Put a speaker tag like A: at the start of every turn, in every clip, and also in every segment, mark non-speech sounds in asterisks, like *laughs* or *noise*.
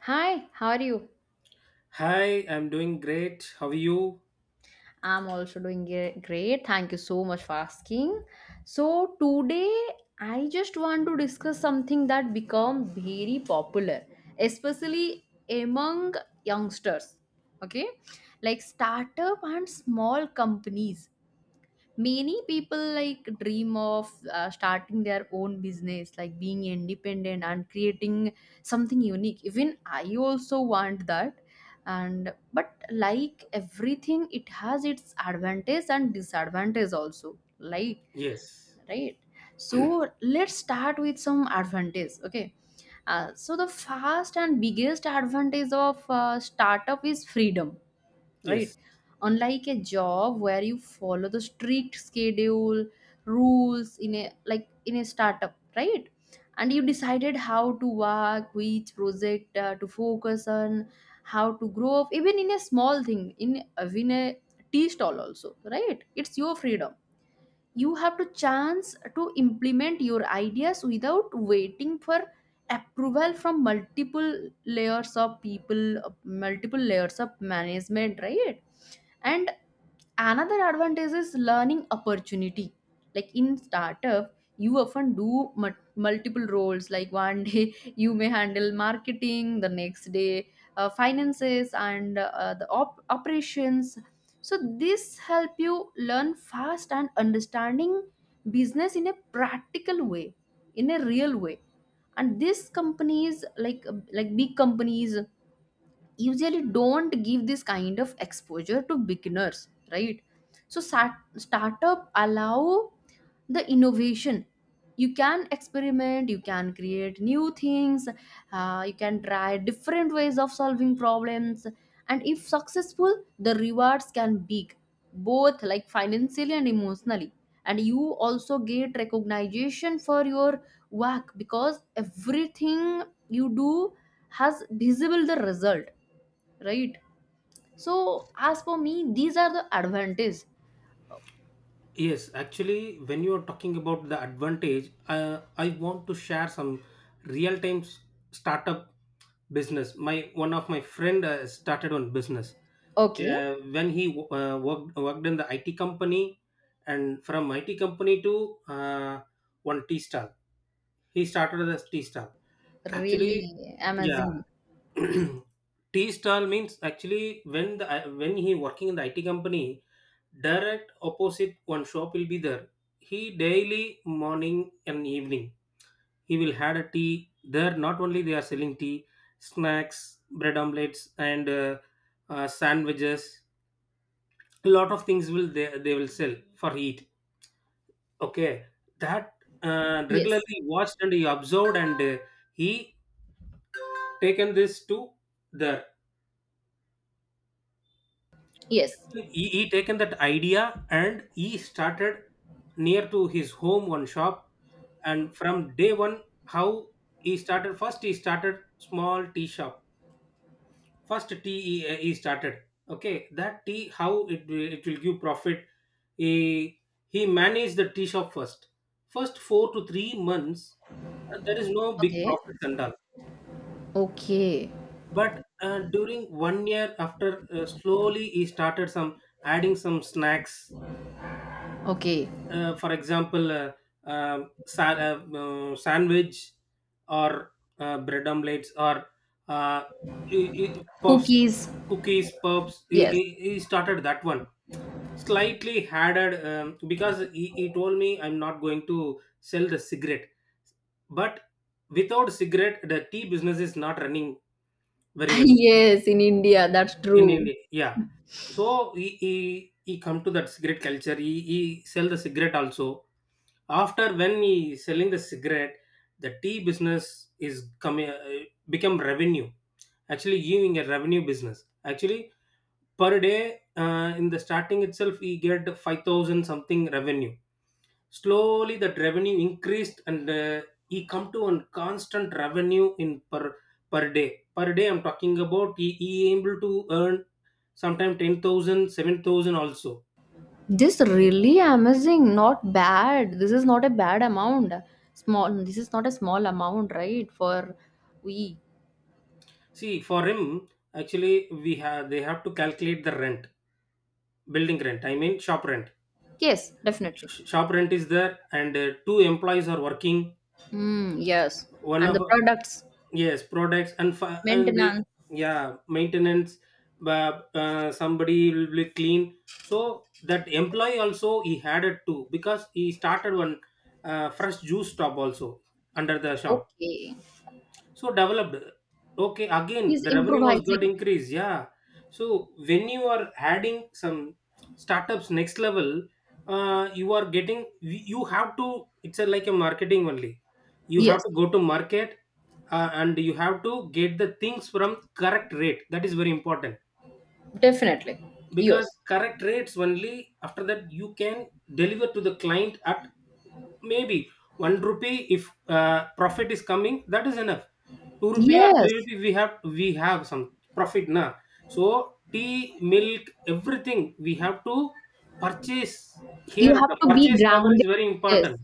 A: Hi, how are you?
B: Hi, I'm doing great. How are you?
A: I'm also doing great. Thank you so much for asking. So today I just want to discuss something that become very popular, especially among youngsters. Okay? Like startup and small companies. Many people like dream of starting their own business, like being independent and creating something unique. Even I also want that. And but like everything, it has its advantage and disadvantage also. Like,
B: Yes,
A: right? So let's start with some advantage. Okay. So the first and biggest advantage of startup is freedom, right?
B: yes,
A: Unlike a job where you follow the strict schedule, rules in a like in a startup, right? And you decided how to work, which project to focus on, how to grow up, even in a small thing, in a tea stall also, right? It's your freedom. You have to chance to implement your ideas without waiting for approval from multiple layers of people, multiple layers of management, right? And another advantage is learning opportunity. Like in startup, you often do multiple roles. Like one *laughs* day you may handle marketing, the next day finances, and the operations. So this help you learn fast and understanding business in a practical way, in a real way. And these companies, like big companies, usually don't give this kind of exposure to beginners, right? So startup allow the innovation. You can experiment, you can create new things, you can try different ways of solving problems, and if successful the rewards can big, both like financially and emotionally. And you also get recognition for your work because everything you do has visible the result, right? So as for me these are the advantages.
B: yes. Actually, when you are talking about the advantage, I want to share some real-time s- startup business. My one of my friend started on business.
A: Okay.
B: When he worked in the IT company, and from IT company to uh, one tea stall, he started as tea stall. Actually,
A: Really
B: yeah,
A: amazing.
B: *clears throat* T stall means actually when the when he working in the IT company, direct opposite one shop will be there. He daily morning and evening he will had a tea there. Not only they are selling tea, snacks, bread omelets, and sandwiches. A lot of things will they will sell for eat. Okay, that
A: Yes.
B: regularly watched and he observed and he taken this to there
A: Yes.
B: he taken that idea and he started near to his home one shop and from day one how he started first he started small tea shop first tea he started okay that tea how it will give profit he he managed the tea shop first first 4 to 3 months, there is no big
A: Okay,
B: profits and all
A: okay,
B: but during one year after, slowly he started some adding some snacks.
A: okay.
B: For example, sandwich or bread omelets or uh, puffs,
A: Cookies.
B: cookies, puffs.
A: Yes.
B: He started that one slightly added. Because he told me, I'm not going to sell the cigarette, but without cigarette, the tea business is not running very
A: *laughs*
B: well
A: Yes, in India, that's
B: in
A: true.
B: India. Yeah, so he come to that cigarette culture. He sell the cigarette also. After when he selling the cigarette, the tea business is coming, become revenue, actually giving a revenue business actually. Per day, in the starting itself he get 5,000 something revenue. Slowly that revenue increased, and he come to a constant revenue in per per day. I'm talking about, he able to earn sometime 10,000, 7,000 also.
A: This really amazing, not bad. This is not a bad amount. Small, this is not a small amount, right? For we.
B: See, for him, actually we have they have to calculate the rent, building rent, I mean shop rent.
A: Yes, definitely.
B: Shop rent is there, and two employees are working.
A: Mm, yes.
B: One
A: And
B: of,
A: the products.
B: yes, products, and the,
A: Maintenance.
B: yeah, maintenance. But somebody will be clean, so that employee also he had it too, because he started one fresh juice stop also under the shop.
A: Okay.
B: So developed. Okay, again
A: He's
B: the revenue was
A: improvising.
B: got increased. Yeah. So when you are adding some startups next level, you are getting, you have to. It's a, like a marketing only. You
A: Yes,
B: have to go to market, and you have to get the things from correct rate. That is very important,
A: definitely.
B: because
A: Yes.
B: correct rates only after that you can deliver to the client at maybe 1 rupee. If profit is coming, that is enough. 2 rupee or 3
A: Yes.
B: rupee, we have some profit now. So tea, milk, everything we have to purchase.
A: You
B: Here
A: have
B: the
A: to be
B: purchase power is
A: grounded.
B: very
A: Yes.
B: important.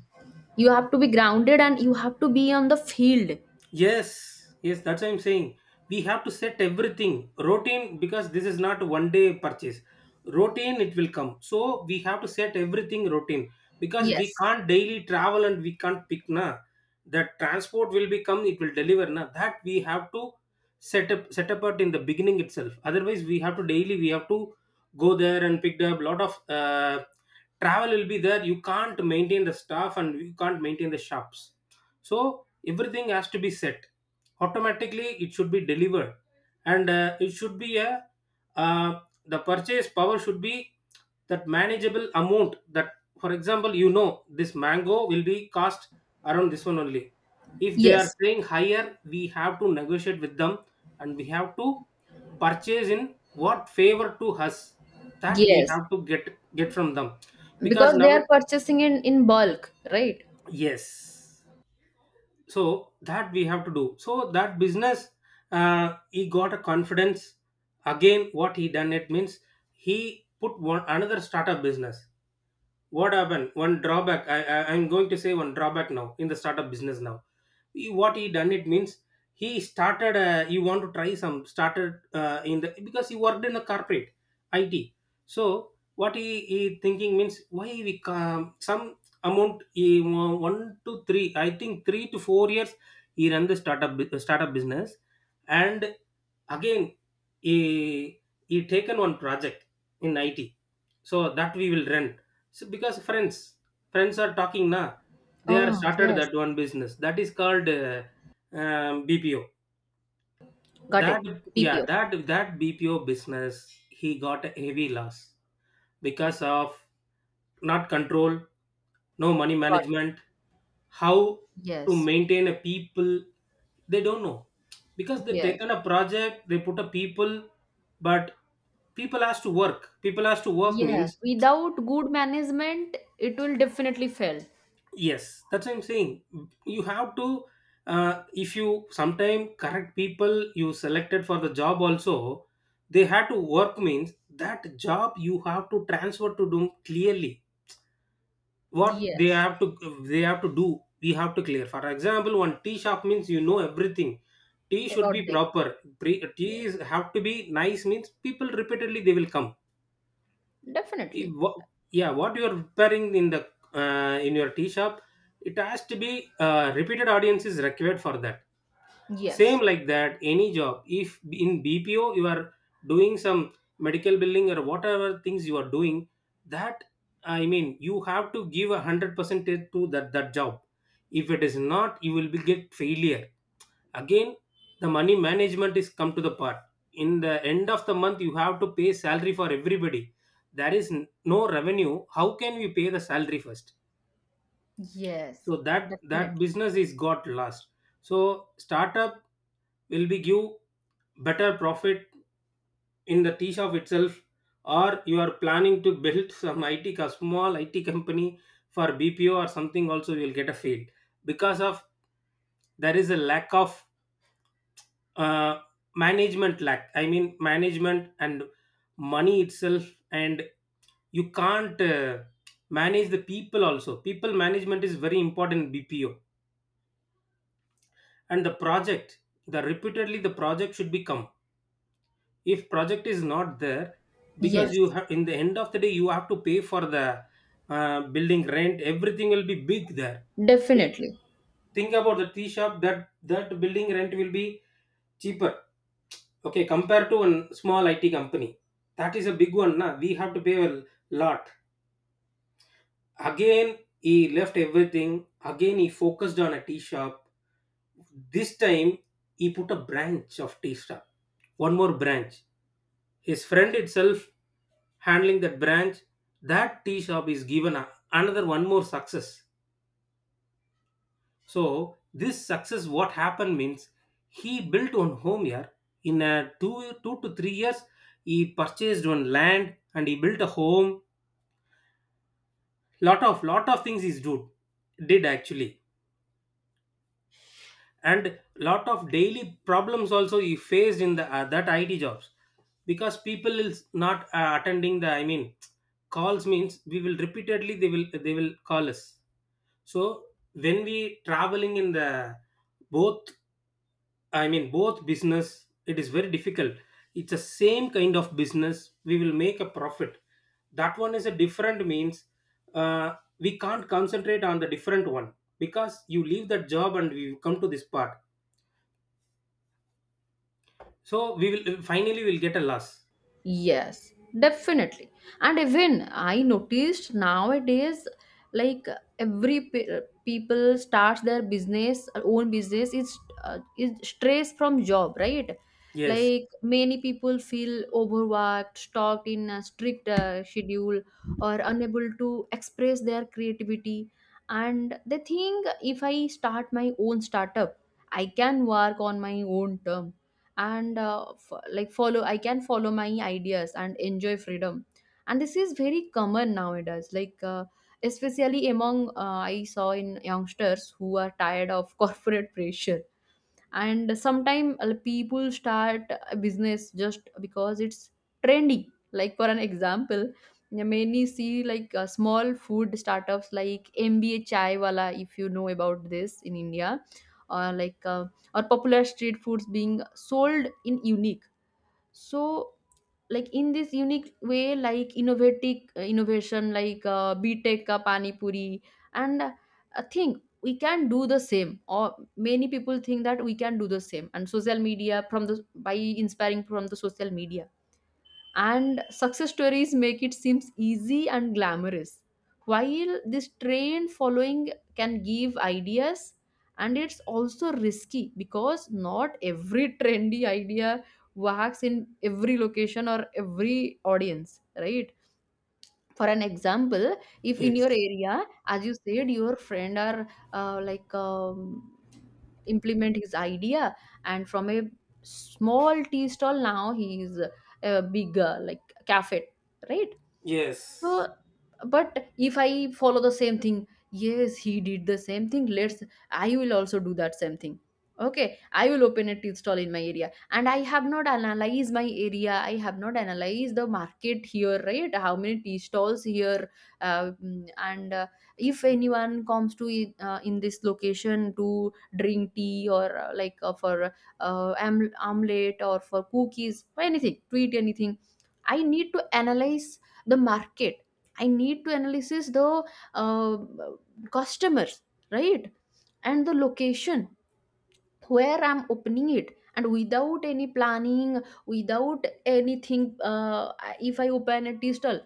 A: You have to be grounded and you have to be on the field.
B: Yes, yes, that's what I'm saying. We have to set everything routine, because this is not one day purchase. Routine it will come. So we have to set everything routine, because we
A: Yes.
B: can't daily travel, and we can't pick na. The transport will become, it will deliver na. That we have to set apart in the beginning itself. Otherwise we have to daily, we have to go there and pick up, lot of travel will be there. You can't maintain the staff, and you can't maintain the shops. So everything has to be set automatically, it should be delivered, and it should be a, uh, the purchase power should be that manageable amount. That for example, you know, this mango will be cost around this one only. If they are
A: Yes.
B: saying higher, we have to negotiate with them, and we have to purchase in what favor to us, that we
A: Yes.
B: have to get from them, because
A: Because they
B: now it,
A: are purchasing in bulk, right?
B: yes, so that we have to do. So that business, he got a confidence. Again what he done it means, he put one another startup business. What happened, one drawback, I'm going to say one drawback now in the startup business now. What he done it means, he started, you want to try some, started in the, because he worked in a corporate it. So what he thinking means, why we come some amount one to three, I think 3 to 4 years he run the startup business. And again, he he taken one project in it, so that we will run. So because friends are talking na, they are
A: Oh,
B: started
A: yes.
B: that one business, that is called BPO.
A: Got
B: That,
A: it.
B: yeah,
A: PPO.
B: that that BPO business he got a heavy loss because of not control, no money
A: Got it.
B: management, how to
A: Yes.
B: maintain a people, they don't know, because they
A: Yes.
B: taken a project, they put a people, but people has to work, people has to work
A: Yes.
B: means,
A: Without good management, it will definitely fail.
B: yes, that's what I'm saying. You have to, if you sometime correct people you selected for the job also, they had to work means that job you have to transfer to them clearly. What they
A: Yes.
B: have to, they have to do, we have to clear. For example, one tea shop means, you know, everything. Tea should
A: About
B: be
A: that.
B: proper. Tea
A: Yes.
B: is have to be nice means, people repeatedly they will come. Eh,
A: Definitely.
B: wha- yeah, what you're preparing in the, in your tea shop, it has to be, repeated audience is required for that. Same
A: Yes.
B: like that, any job, if in bpo you are doing some medical billing or whatever things you are doing, that, I mean, you have to give a 100% to that that job. If it is not, you will be get failure. Again, the money management is come to the part. In the end of the month, you have to pay salary for everybody. There is no revenue. How can we pay the salary first?
A: Yes.
B: So that
A: Definitely.
B: that business is got lost. So startup will be give better profit in the tea shop itself, or you are planning to build some small IT company for BPO or something. Also, you will get a fail, because of there is a lack of, uh, management, lack I mean management and money itself. And you can't, manage the people also. People management is very important in bpo, and the project, the repeatedly the project should become. If project is not there, because you
A: Yes,
B: have, in the end of the day you have to pay for the, building rent, everything will be big there.
A: definitely.
B: Think about the tea shop, that that building rent will be cheaper. Okay, compared to a small IT company. That is a big one. Na? We have to pay a lot. Again, he left everything. Again, he focused on a tea shop. This time, he put a branch of tea shop. One more branch. His friend itself handling that branch. That tea shop is given a, another one more success. So this success, what happened means, he built one home here. In a 2 to 3 years, he purchased one land and he built a home. Lot of things he's do did actually, and lot of daily problems also he faced in the, that IT jobs, because people is not, attending the, I mean, calls means, we will repeatedly they will call us. So when we traveling in the both, I mean, both business, it is very difficult. It's the same kind of business. We will make a profit. That one is a different means. We can't concentrate on the different one, because you leave that job and we come to this part. So we will finally will get a loss.
A: Yes, definitely. And even I noticed nowadays, like every people starts their business, own business is stress from job, right?
B: Yes.
A: Like many people feel overworked, stuck in a strict schedule, or unable to express their creativity. And they think if I start my own startup, I can work on my own term. And like follow I can follow my ideas and enjoy freedom. And this is very common nowadays, like especially among, I saw in youngsters who are tired of *laughs* corporate pressure. And sometimes people start a business just because it's trendy, like for an example, many see like small food startups like MBA chai wala if you know about this in India, or like or popular street foods being sold in unique. So like in this unique way, like innovative innovation like btech ka pani puri. And I think we can do the same, or many people think that we can do the same. And social media, from the, by inspiring from the social media, and success stories make it seems easy and glamorous. While this train following can give ideas, and it's also risky because not every trendy idea works in every location or every audience, right? For an example, if in
B: Yes.
A: your area, as you said your friend are like implement his idea and from a small tea stall now he is a big like cafe, right? So
B: Yes.
A: but if I follow the same thing, yes he did the same thing, let's I will also do that same thing. Okay, I will open a tea stall in my area and I have not analyzed my area, I have not analyzed the market here, right? How many tea stalls here? And if anyone comes to it, in this location to drink tea or like for omelette or for cookies or anything to eat anything, I need to analyze the market. I need to analyze the uh, customers, right? And the location where I'm opening it, and without any planning, without anything, if I open a tea stall,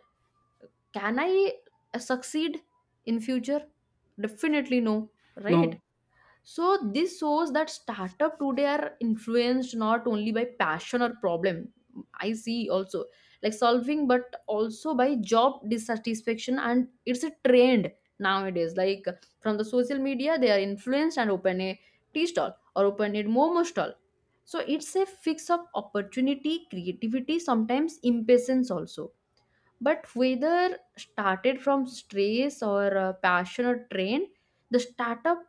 A: can I succeed in future? Definitely no, right?
B: No.
A: So this shows that startup today are influenced not only by passion or problem. I see also, like, solving, but also by job dissatisfaction, and it's a trend nowadays. Like from the social media, they are influenced and open a tea stall or open a momo stall. So it's a fix of opportunity, creativity, sometimes impatience also, but whether started from stress or passion or train, the startup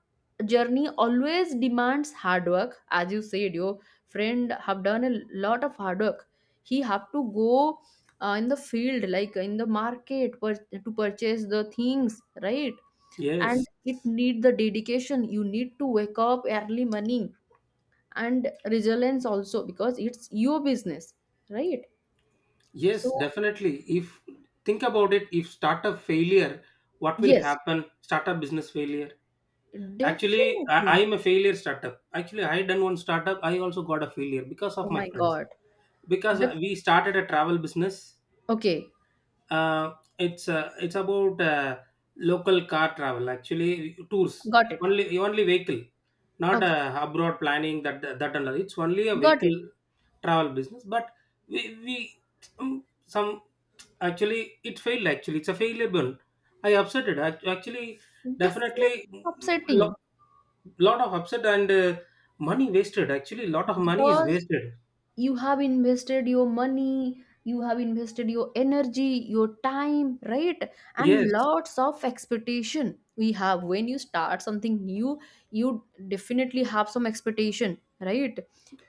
A: journey always demands hard work. As you said, your friend have done a lot of hard work. He have to go in the field, like in the market, to purchase the things, right? And
B: Yes.
A: it need the dedication. You need to wake up early morning and resilience also because it's your business, right?
B: Yes,
A: So
B: definitely. If think about it, if startup failure, what will
A: yes,
B: happen? Startup business failure. Actually, I,
A: definitely.
B: I'm a failure startup. Actually, I done one startup. I also got a failure because
A: Oh
B: of my
A: my
B: friends.
A: God.
B: Because
A: Def-
B: we started a travel business.
A: okay,
B: It's about, local car travel. Actually, tours,
A: got it.
B: only vehicle, not,
A: Okay,
B: abroad planning that that and all. It's only a
A: got
B: vehicle
A: it.
B: travel business. But we some, actually it failed. Actually, it's a failure. Bun. I upset it. Actually,
A: Definitely
B: definitely
A: upsetting,
B: lot of upset, and money wasted. Actually, lot of money is
A: because
B: wasted.
A: you have invested your money, you have invested your energy, your time, right? And
B: Yes,
A: lots of expectation we have when you start something new, you definitely have some expectation, right?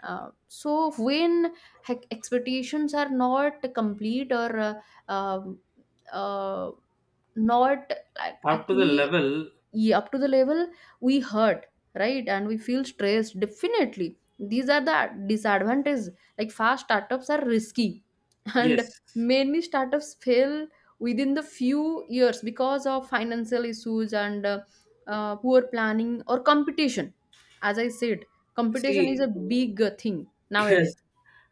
A: So when expectations are not complete or uh, um, uh, not, like,
B: up to the
A: actually,
B: level.
A: yeah, up to the level we hurt, right? And we feel stressed. Definitely these are the disadvantages, like fast startups are risky. *laughs* And
B: Yes.
A: many startups fail within the few years because of financial issues and poor planning or competition. As I said, competition is
B: See,
A: a big thing
B: *laughs*
A: nowadays.
B: yes.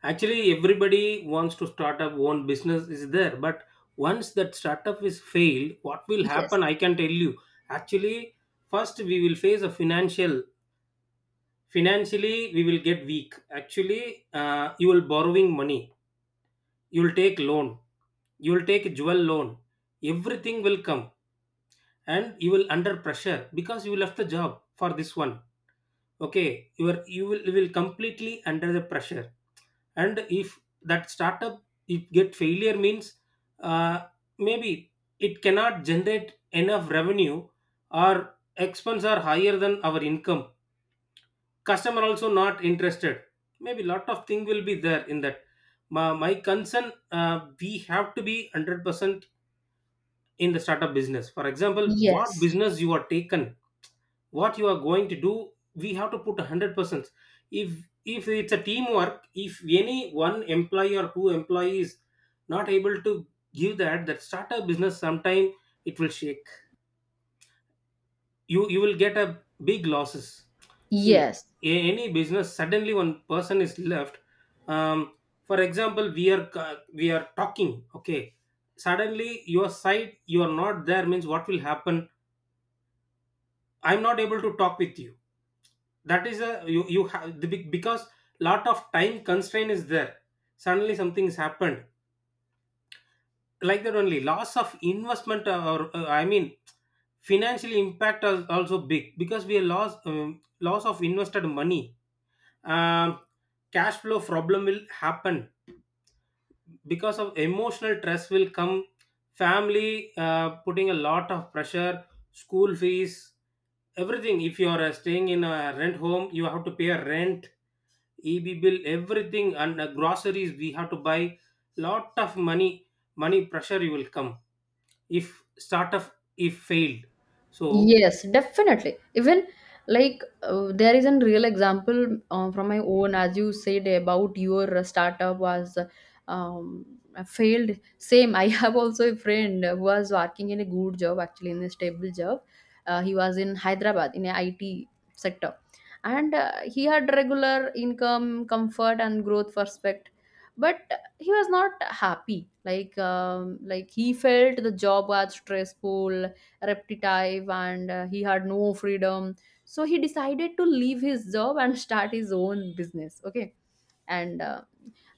B: Actually, everybody wants to start up own business is there, but once that startup is failed, what will
A: Yes.
B: happen? I can tell you. Actually, first we will face a financial. Financially, we will get weak. Actually, you will borrowing money. You will take loan. You will take a jewel loan. Everything will come, and you will under pressure, because you left the job for this one. Okay, you are, you will completely under the pressure. And if that startup if get failure means, uh, maybe it cannot generate enough revenue, or expense are higher than our income, customer also not interested. Maybe lot of thing will be there in that. My concern, we have to be 100% in the startup business. For example, what
A: Yes.
B: business you are taken, what you are going to do, we have to put 100%. if if it's a teamwork, if any one employee or two employees not able to give that that startup business sometime, it will shake. You will get a big losses. See,
A: Yes.
B: any business suddenly one person is left. um, for example, we are we are talking, okay, suddenly your side you are not there means, what will happen? I'm not able to talk with you. That is a, you have the big, because lot of time constraint is there, suddenly something's happened. Like that only, loss of investment, or I mean, financial impact is also big, because we lost, loss of invested money. um, cash flow problem will happen, because of emotional stress will come. Family, putting a lot of pressure, school fees, everything. If you are, staying in a rent home, you have to pay a rent, EB bill, everything, and groceries we have to buy. Lot of money, money pressure you will come if startup if failed. So
A: Yes, definitely. Even like there is a real example from my own, as you said about your startup was failed. Same, I *laughs* have also a friend who was working in a good job, actually in a stable job. He was in Hyderabad in a IT sector, and he had regular income, comfort, and growth prospect. But he was not happy. Like he felt the job was stressful, repetitive, and he had no freedom. So he decided to leave his job and *laughs* start his own business. Okay. And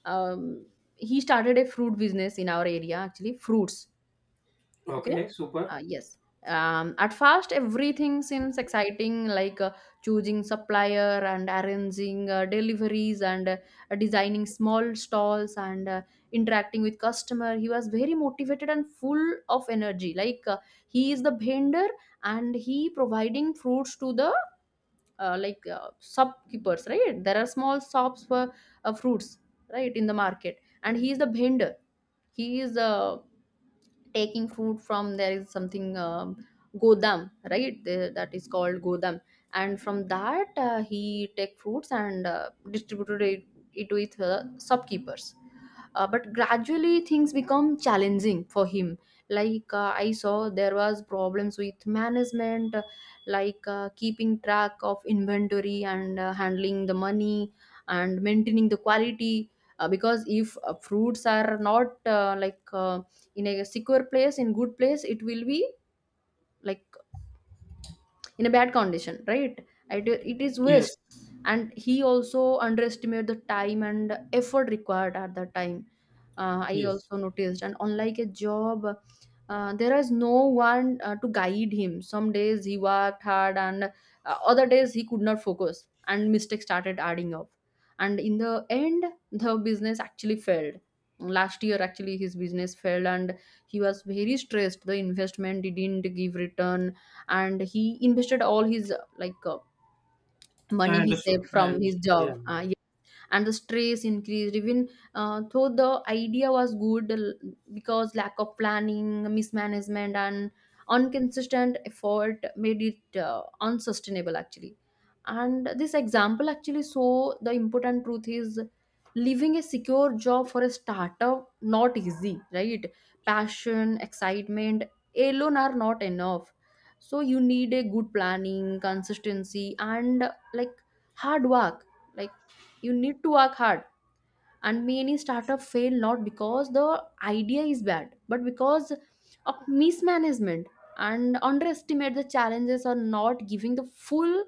A: um, he started a fruit business in our area, actually fruits. Okay.
B: okay, super.
A: Yes. At first everything seems exciting, like choosing supplier and arranging deliveries and designing small stalls and interacting with customer. He was very motivated and full of energy, like he is the vendor and he providing fruits to the like shopkeepers, right? There are small shops for fruits, right, in the market, and he is the vendor. He is taking fruit from there is something godam, right? That is called godam. And from that he take fruits and distributed it with shopkeepers. But gradually things become challenging for him, like I saw there was problems with management, like keeping track of inventory and handling the money and maintaining the quality, because if fruits are not like in a secure place, in good place, it will be like in a bad condition, right? It is waste.
B: Yes,
A: And he also underestimated the time and effort required at that time. I
B: yes,
A: also noticed, and unlike a job, there is no one to guide him. Some days he worked hard and other days he could not focus and mistakes started adding up. And in the end, the business actually failed. Last year actually his business failed, and he was very stressed. The investment didn't give return, and he invested all his like
B: I
A: money he saved
B: understood. I
A: from his
B: understood. Yeah.
A: job. And the stress increased, even though the idea was good, because lack of planning, mismanagement, and inconsistent effort made it unsustainable actually. And this example actually, so the important truth is leaving a secure job for a startup not easy, right? Passion, excitement alone are not enough. So you need a good planning, consistency, and like hard work, like you need to work hard. And many startup fail not because the idea is bad but because of mismanagement and underestimate the challenges or not giving the full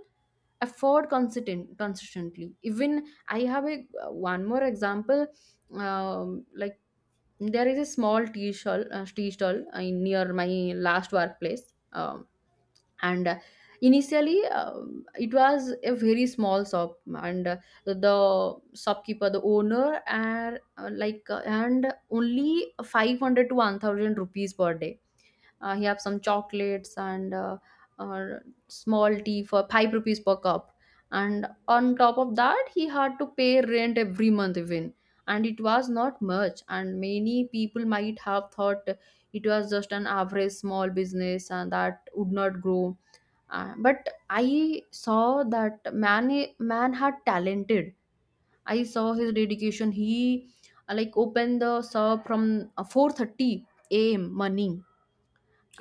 A: effort consistently. Even I have a one more example. Like there is a small tea stall near my last workplace. Um and initially it was a very small shop and the shopkeeper The owner, and and only 500 to 1000 rupees per day. He have some chocolates and uh, small tea for 5 rupees per cup. And on top of that he had to pay rent every month even, and it was not much, and many people might have thought it was just an average small business and that would not grow. But I saw that man, man had talented. I saw his dedication. He like opened the shop from 4:30 a.m. morning.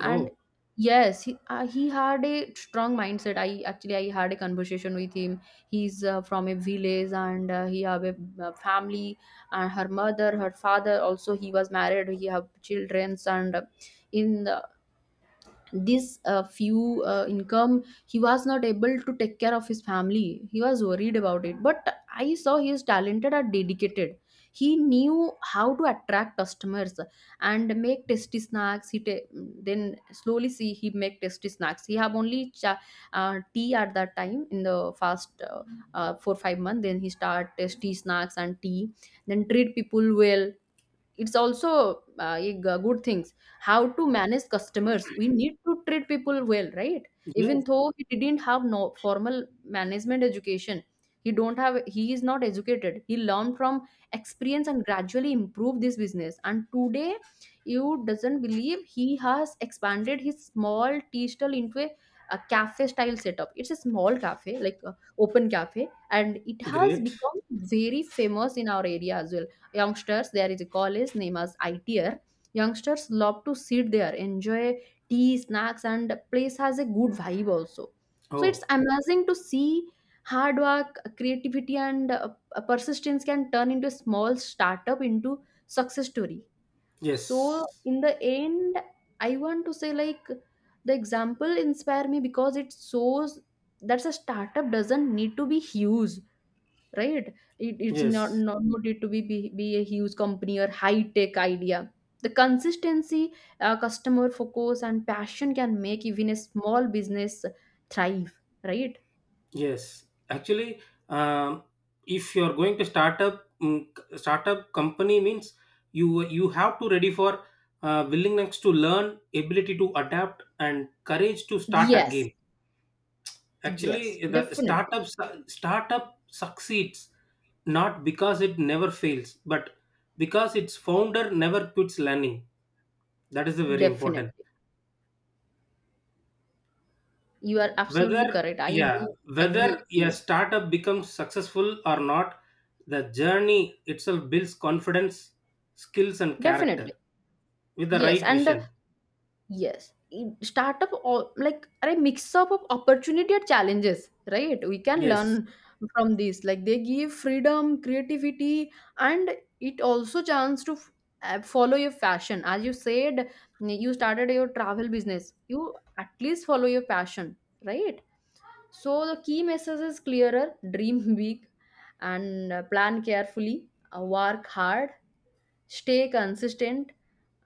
A: And yes he had a strong mindset. I had a conversation with him. He's from a village, and he have a family, and her mother, her father also. He was married, he have children, and in the this few income, he was not able to take care of his family. He was worried about it, but I saw he is talented and dedicated. He knew how to attract customers and make tasty snacks. Then slowly see, he make tasty snacks. He have only cha- Tea at that time in the first 4 5 months, then he start tasty snacks and tea. Then treat people well, it's also good things. How to manage customers, we need to treat people well, right? Even
B: yes,
A: though he didn't have no formal management education, he don't have he is not educated. He learned from experience and gradually improved this business, and today, you doesn't believe, he has expanded his small tea stall into a cafe style setup. It's a small cafe, like a open cafe, and it has
B: great.
A: become very famous in our area as well. Youngsters, there is a college named as ITR. Youngsters love to sit there, enjoy tea, snacks, and place has a good vibe also. So it's
B: Oh
A: amazing to see hard work, creativity, and persistence can turn into a small startup into success story.
B: yes,
A: So in the end, I want to say like the example inspire me because it shows that a startup doesn't need to be huge, right? it, it's not,
B: yes.
A: not needed to be a huge company or high tech idea. The consistency, customer focus and passion can make even a small business thrive, right?
B: Yes, actually, um, if you are going to start up, startup company means, you have to ready for, willingness to learn, ability to adapt, and courage to start
A: Yes.
B: again.
A: Yes,
B: Actually, the
A: definitely.
B: startup succeeds not because it never fails, but because its founder never quits learning. That is the very
A: Definitely,
B: important.
A: you are
B: Whether,
A: absolutely correct. I do
B: yeah, whether
A: agree with you.
B: a startup becomes successful or not, the journey itself builds confidence, skills and character,
A: Definitely.
B: with the
A: Yes.
B: right
A: and
B: vision.
A: Yes, in- startup or like are a mix up of opportunity and challenges, right? We can
B: Yes,
A: learn from this. Like they give freedom, creativity, and it also chance to f- follow your passion. As you said, you started your travel business. You at least follow your passion, right? So the key message is clearer: dream big, and plan carefully, work hard, stay consistent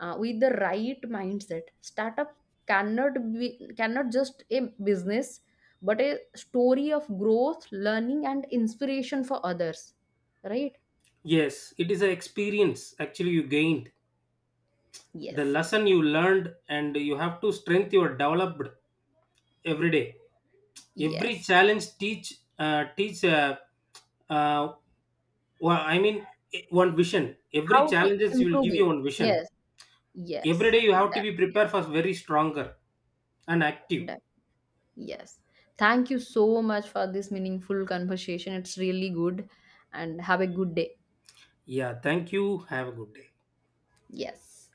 A: with the right mindset startup cannot be cannot just a business but a story of growth learning and inspiration for others right
B: yes, it is an experience actually you gained, the
A: yes
B: lesson you learned, and you have to strength you are developed every day. Every
A: yes
B: challenge teach, uh, teach uh, uh, well, i mean one vision, every
A: how to
B: challenges will
A: improve
B: give you
A: it.
B: one vision.
A: Yes.
B: Every
A: Yes,
B: day you have to be
A: definitely.
B: prepared for very stronger and active.
A: Def- yes, thank you so much for this meaningful conversation, it's really good. And have a good day.
B: Yeah, thank you, have a good day.
A: Yes.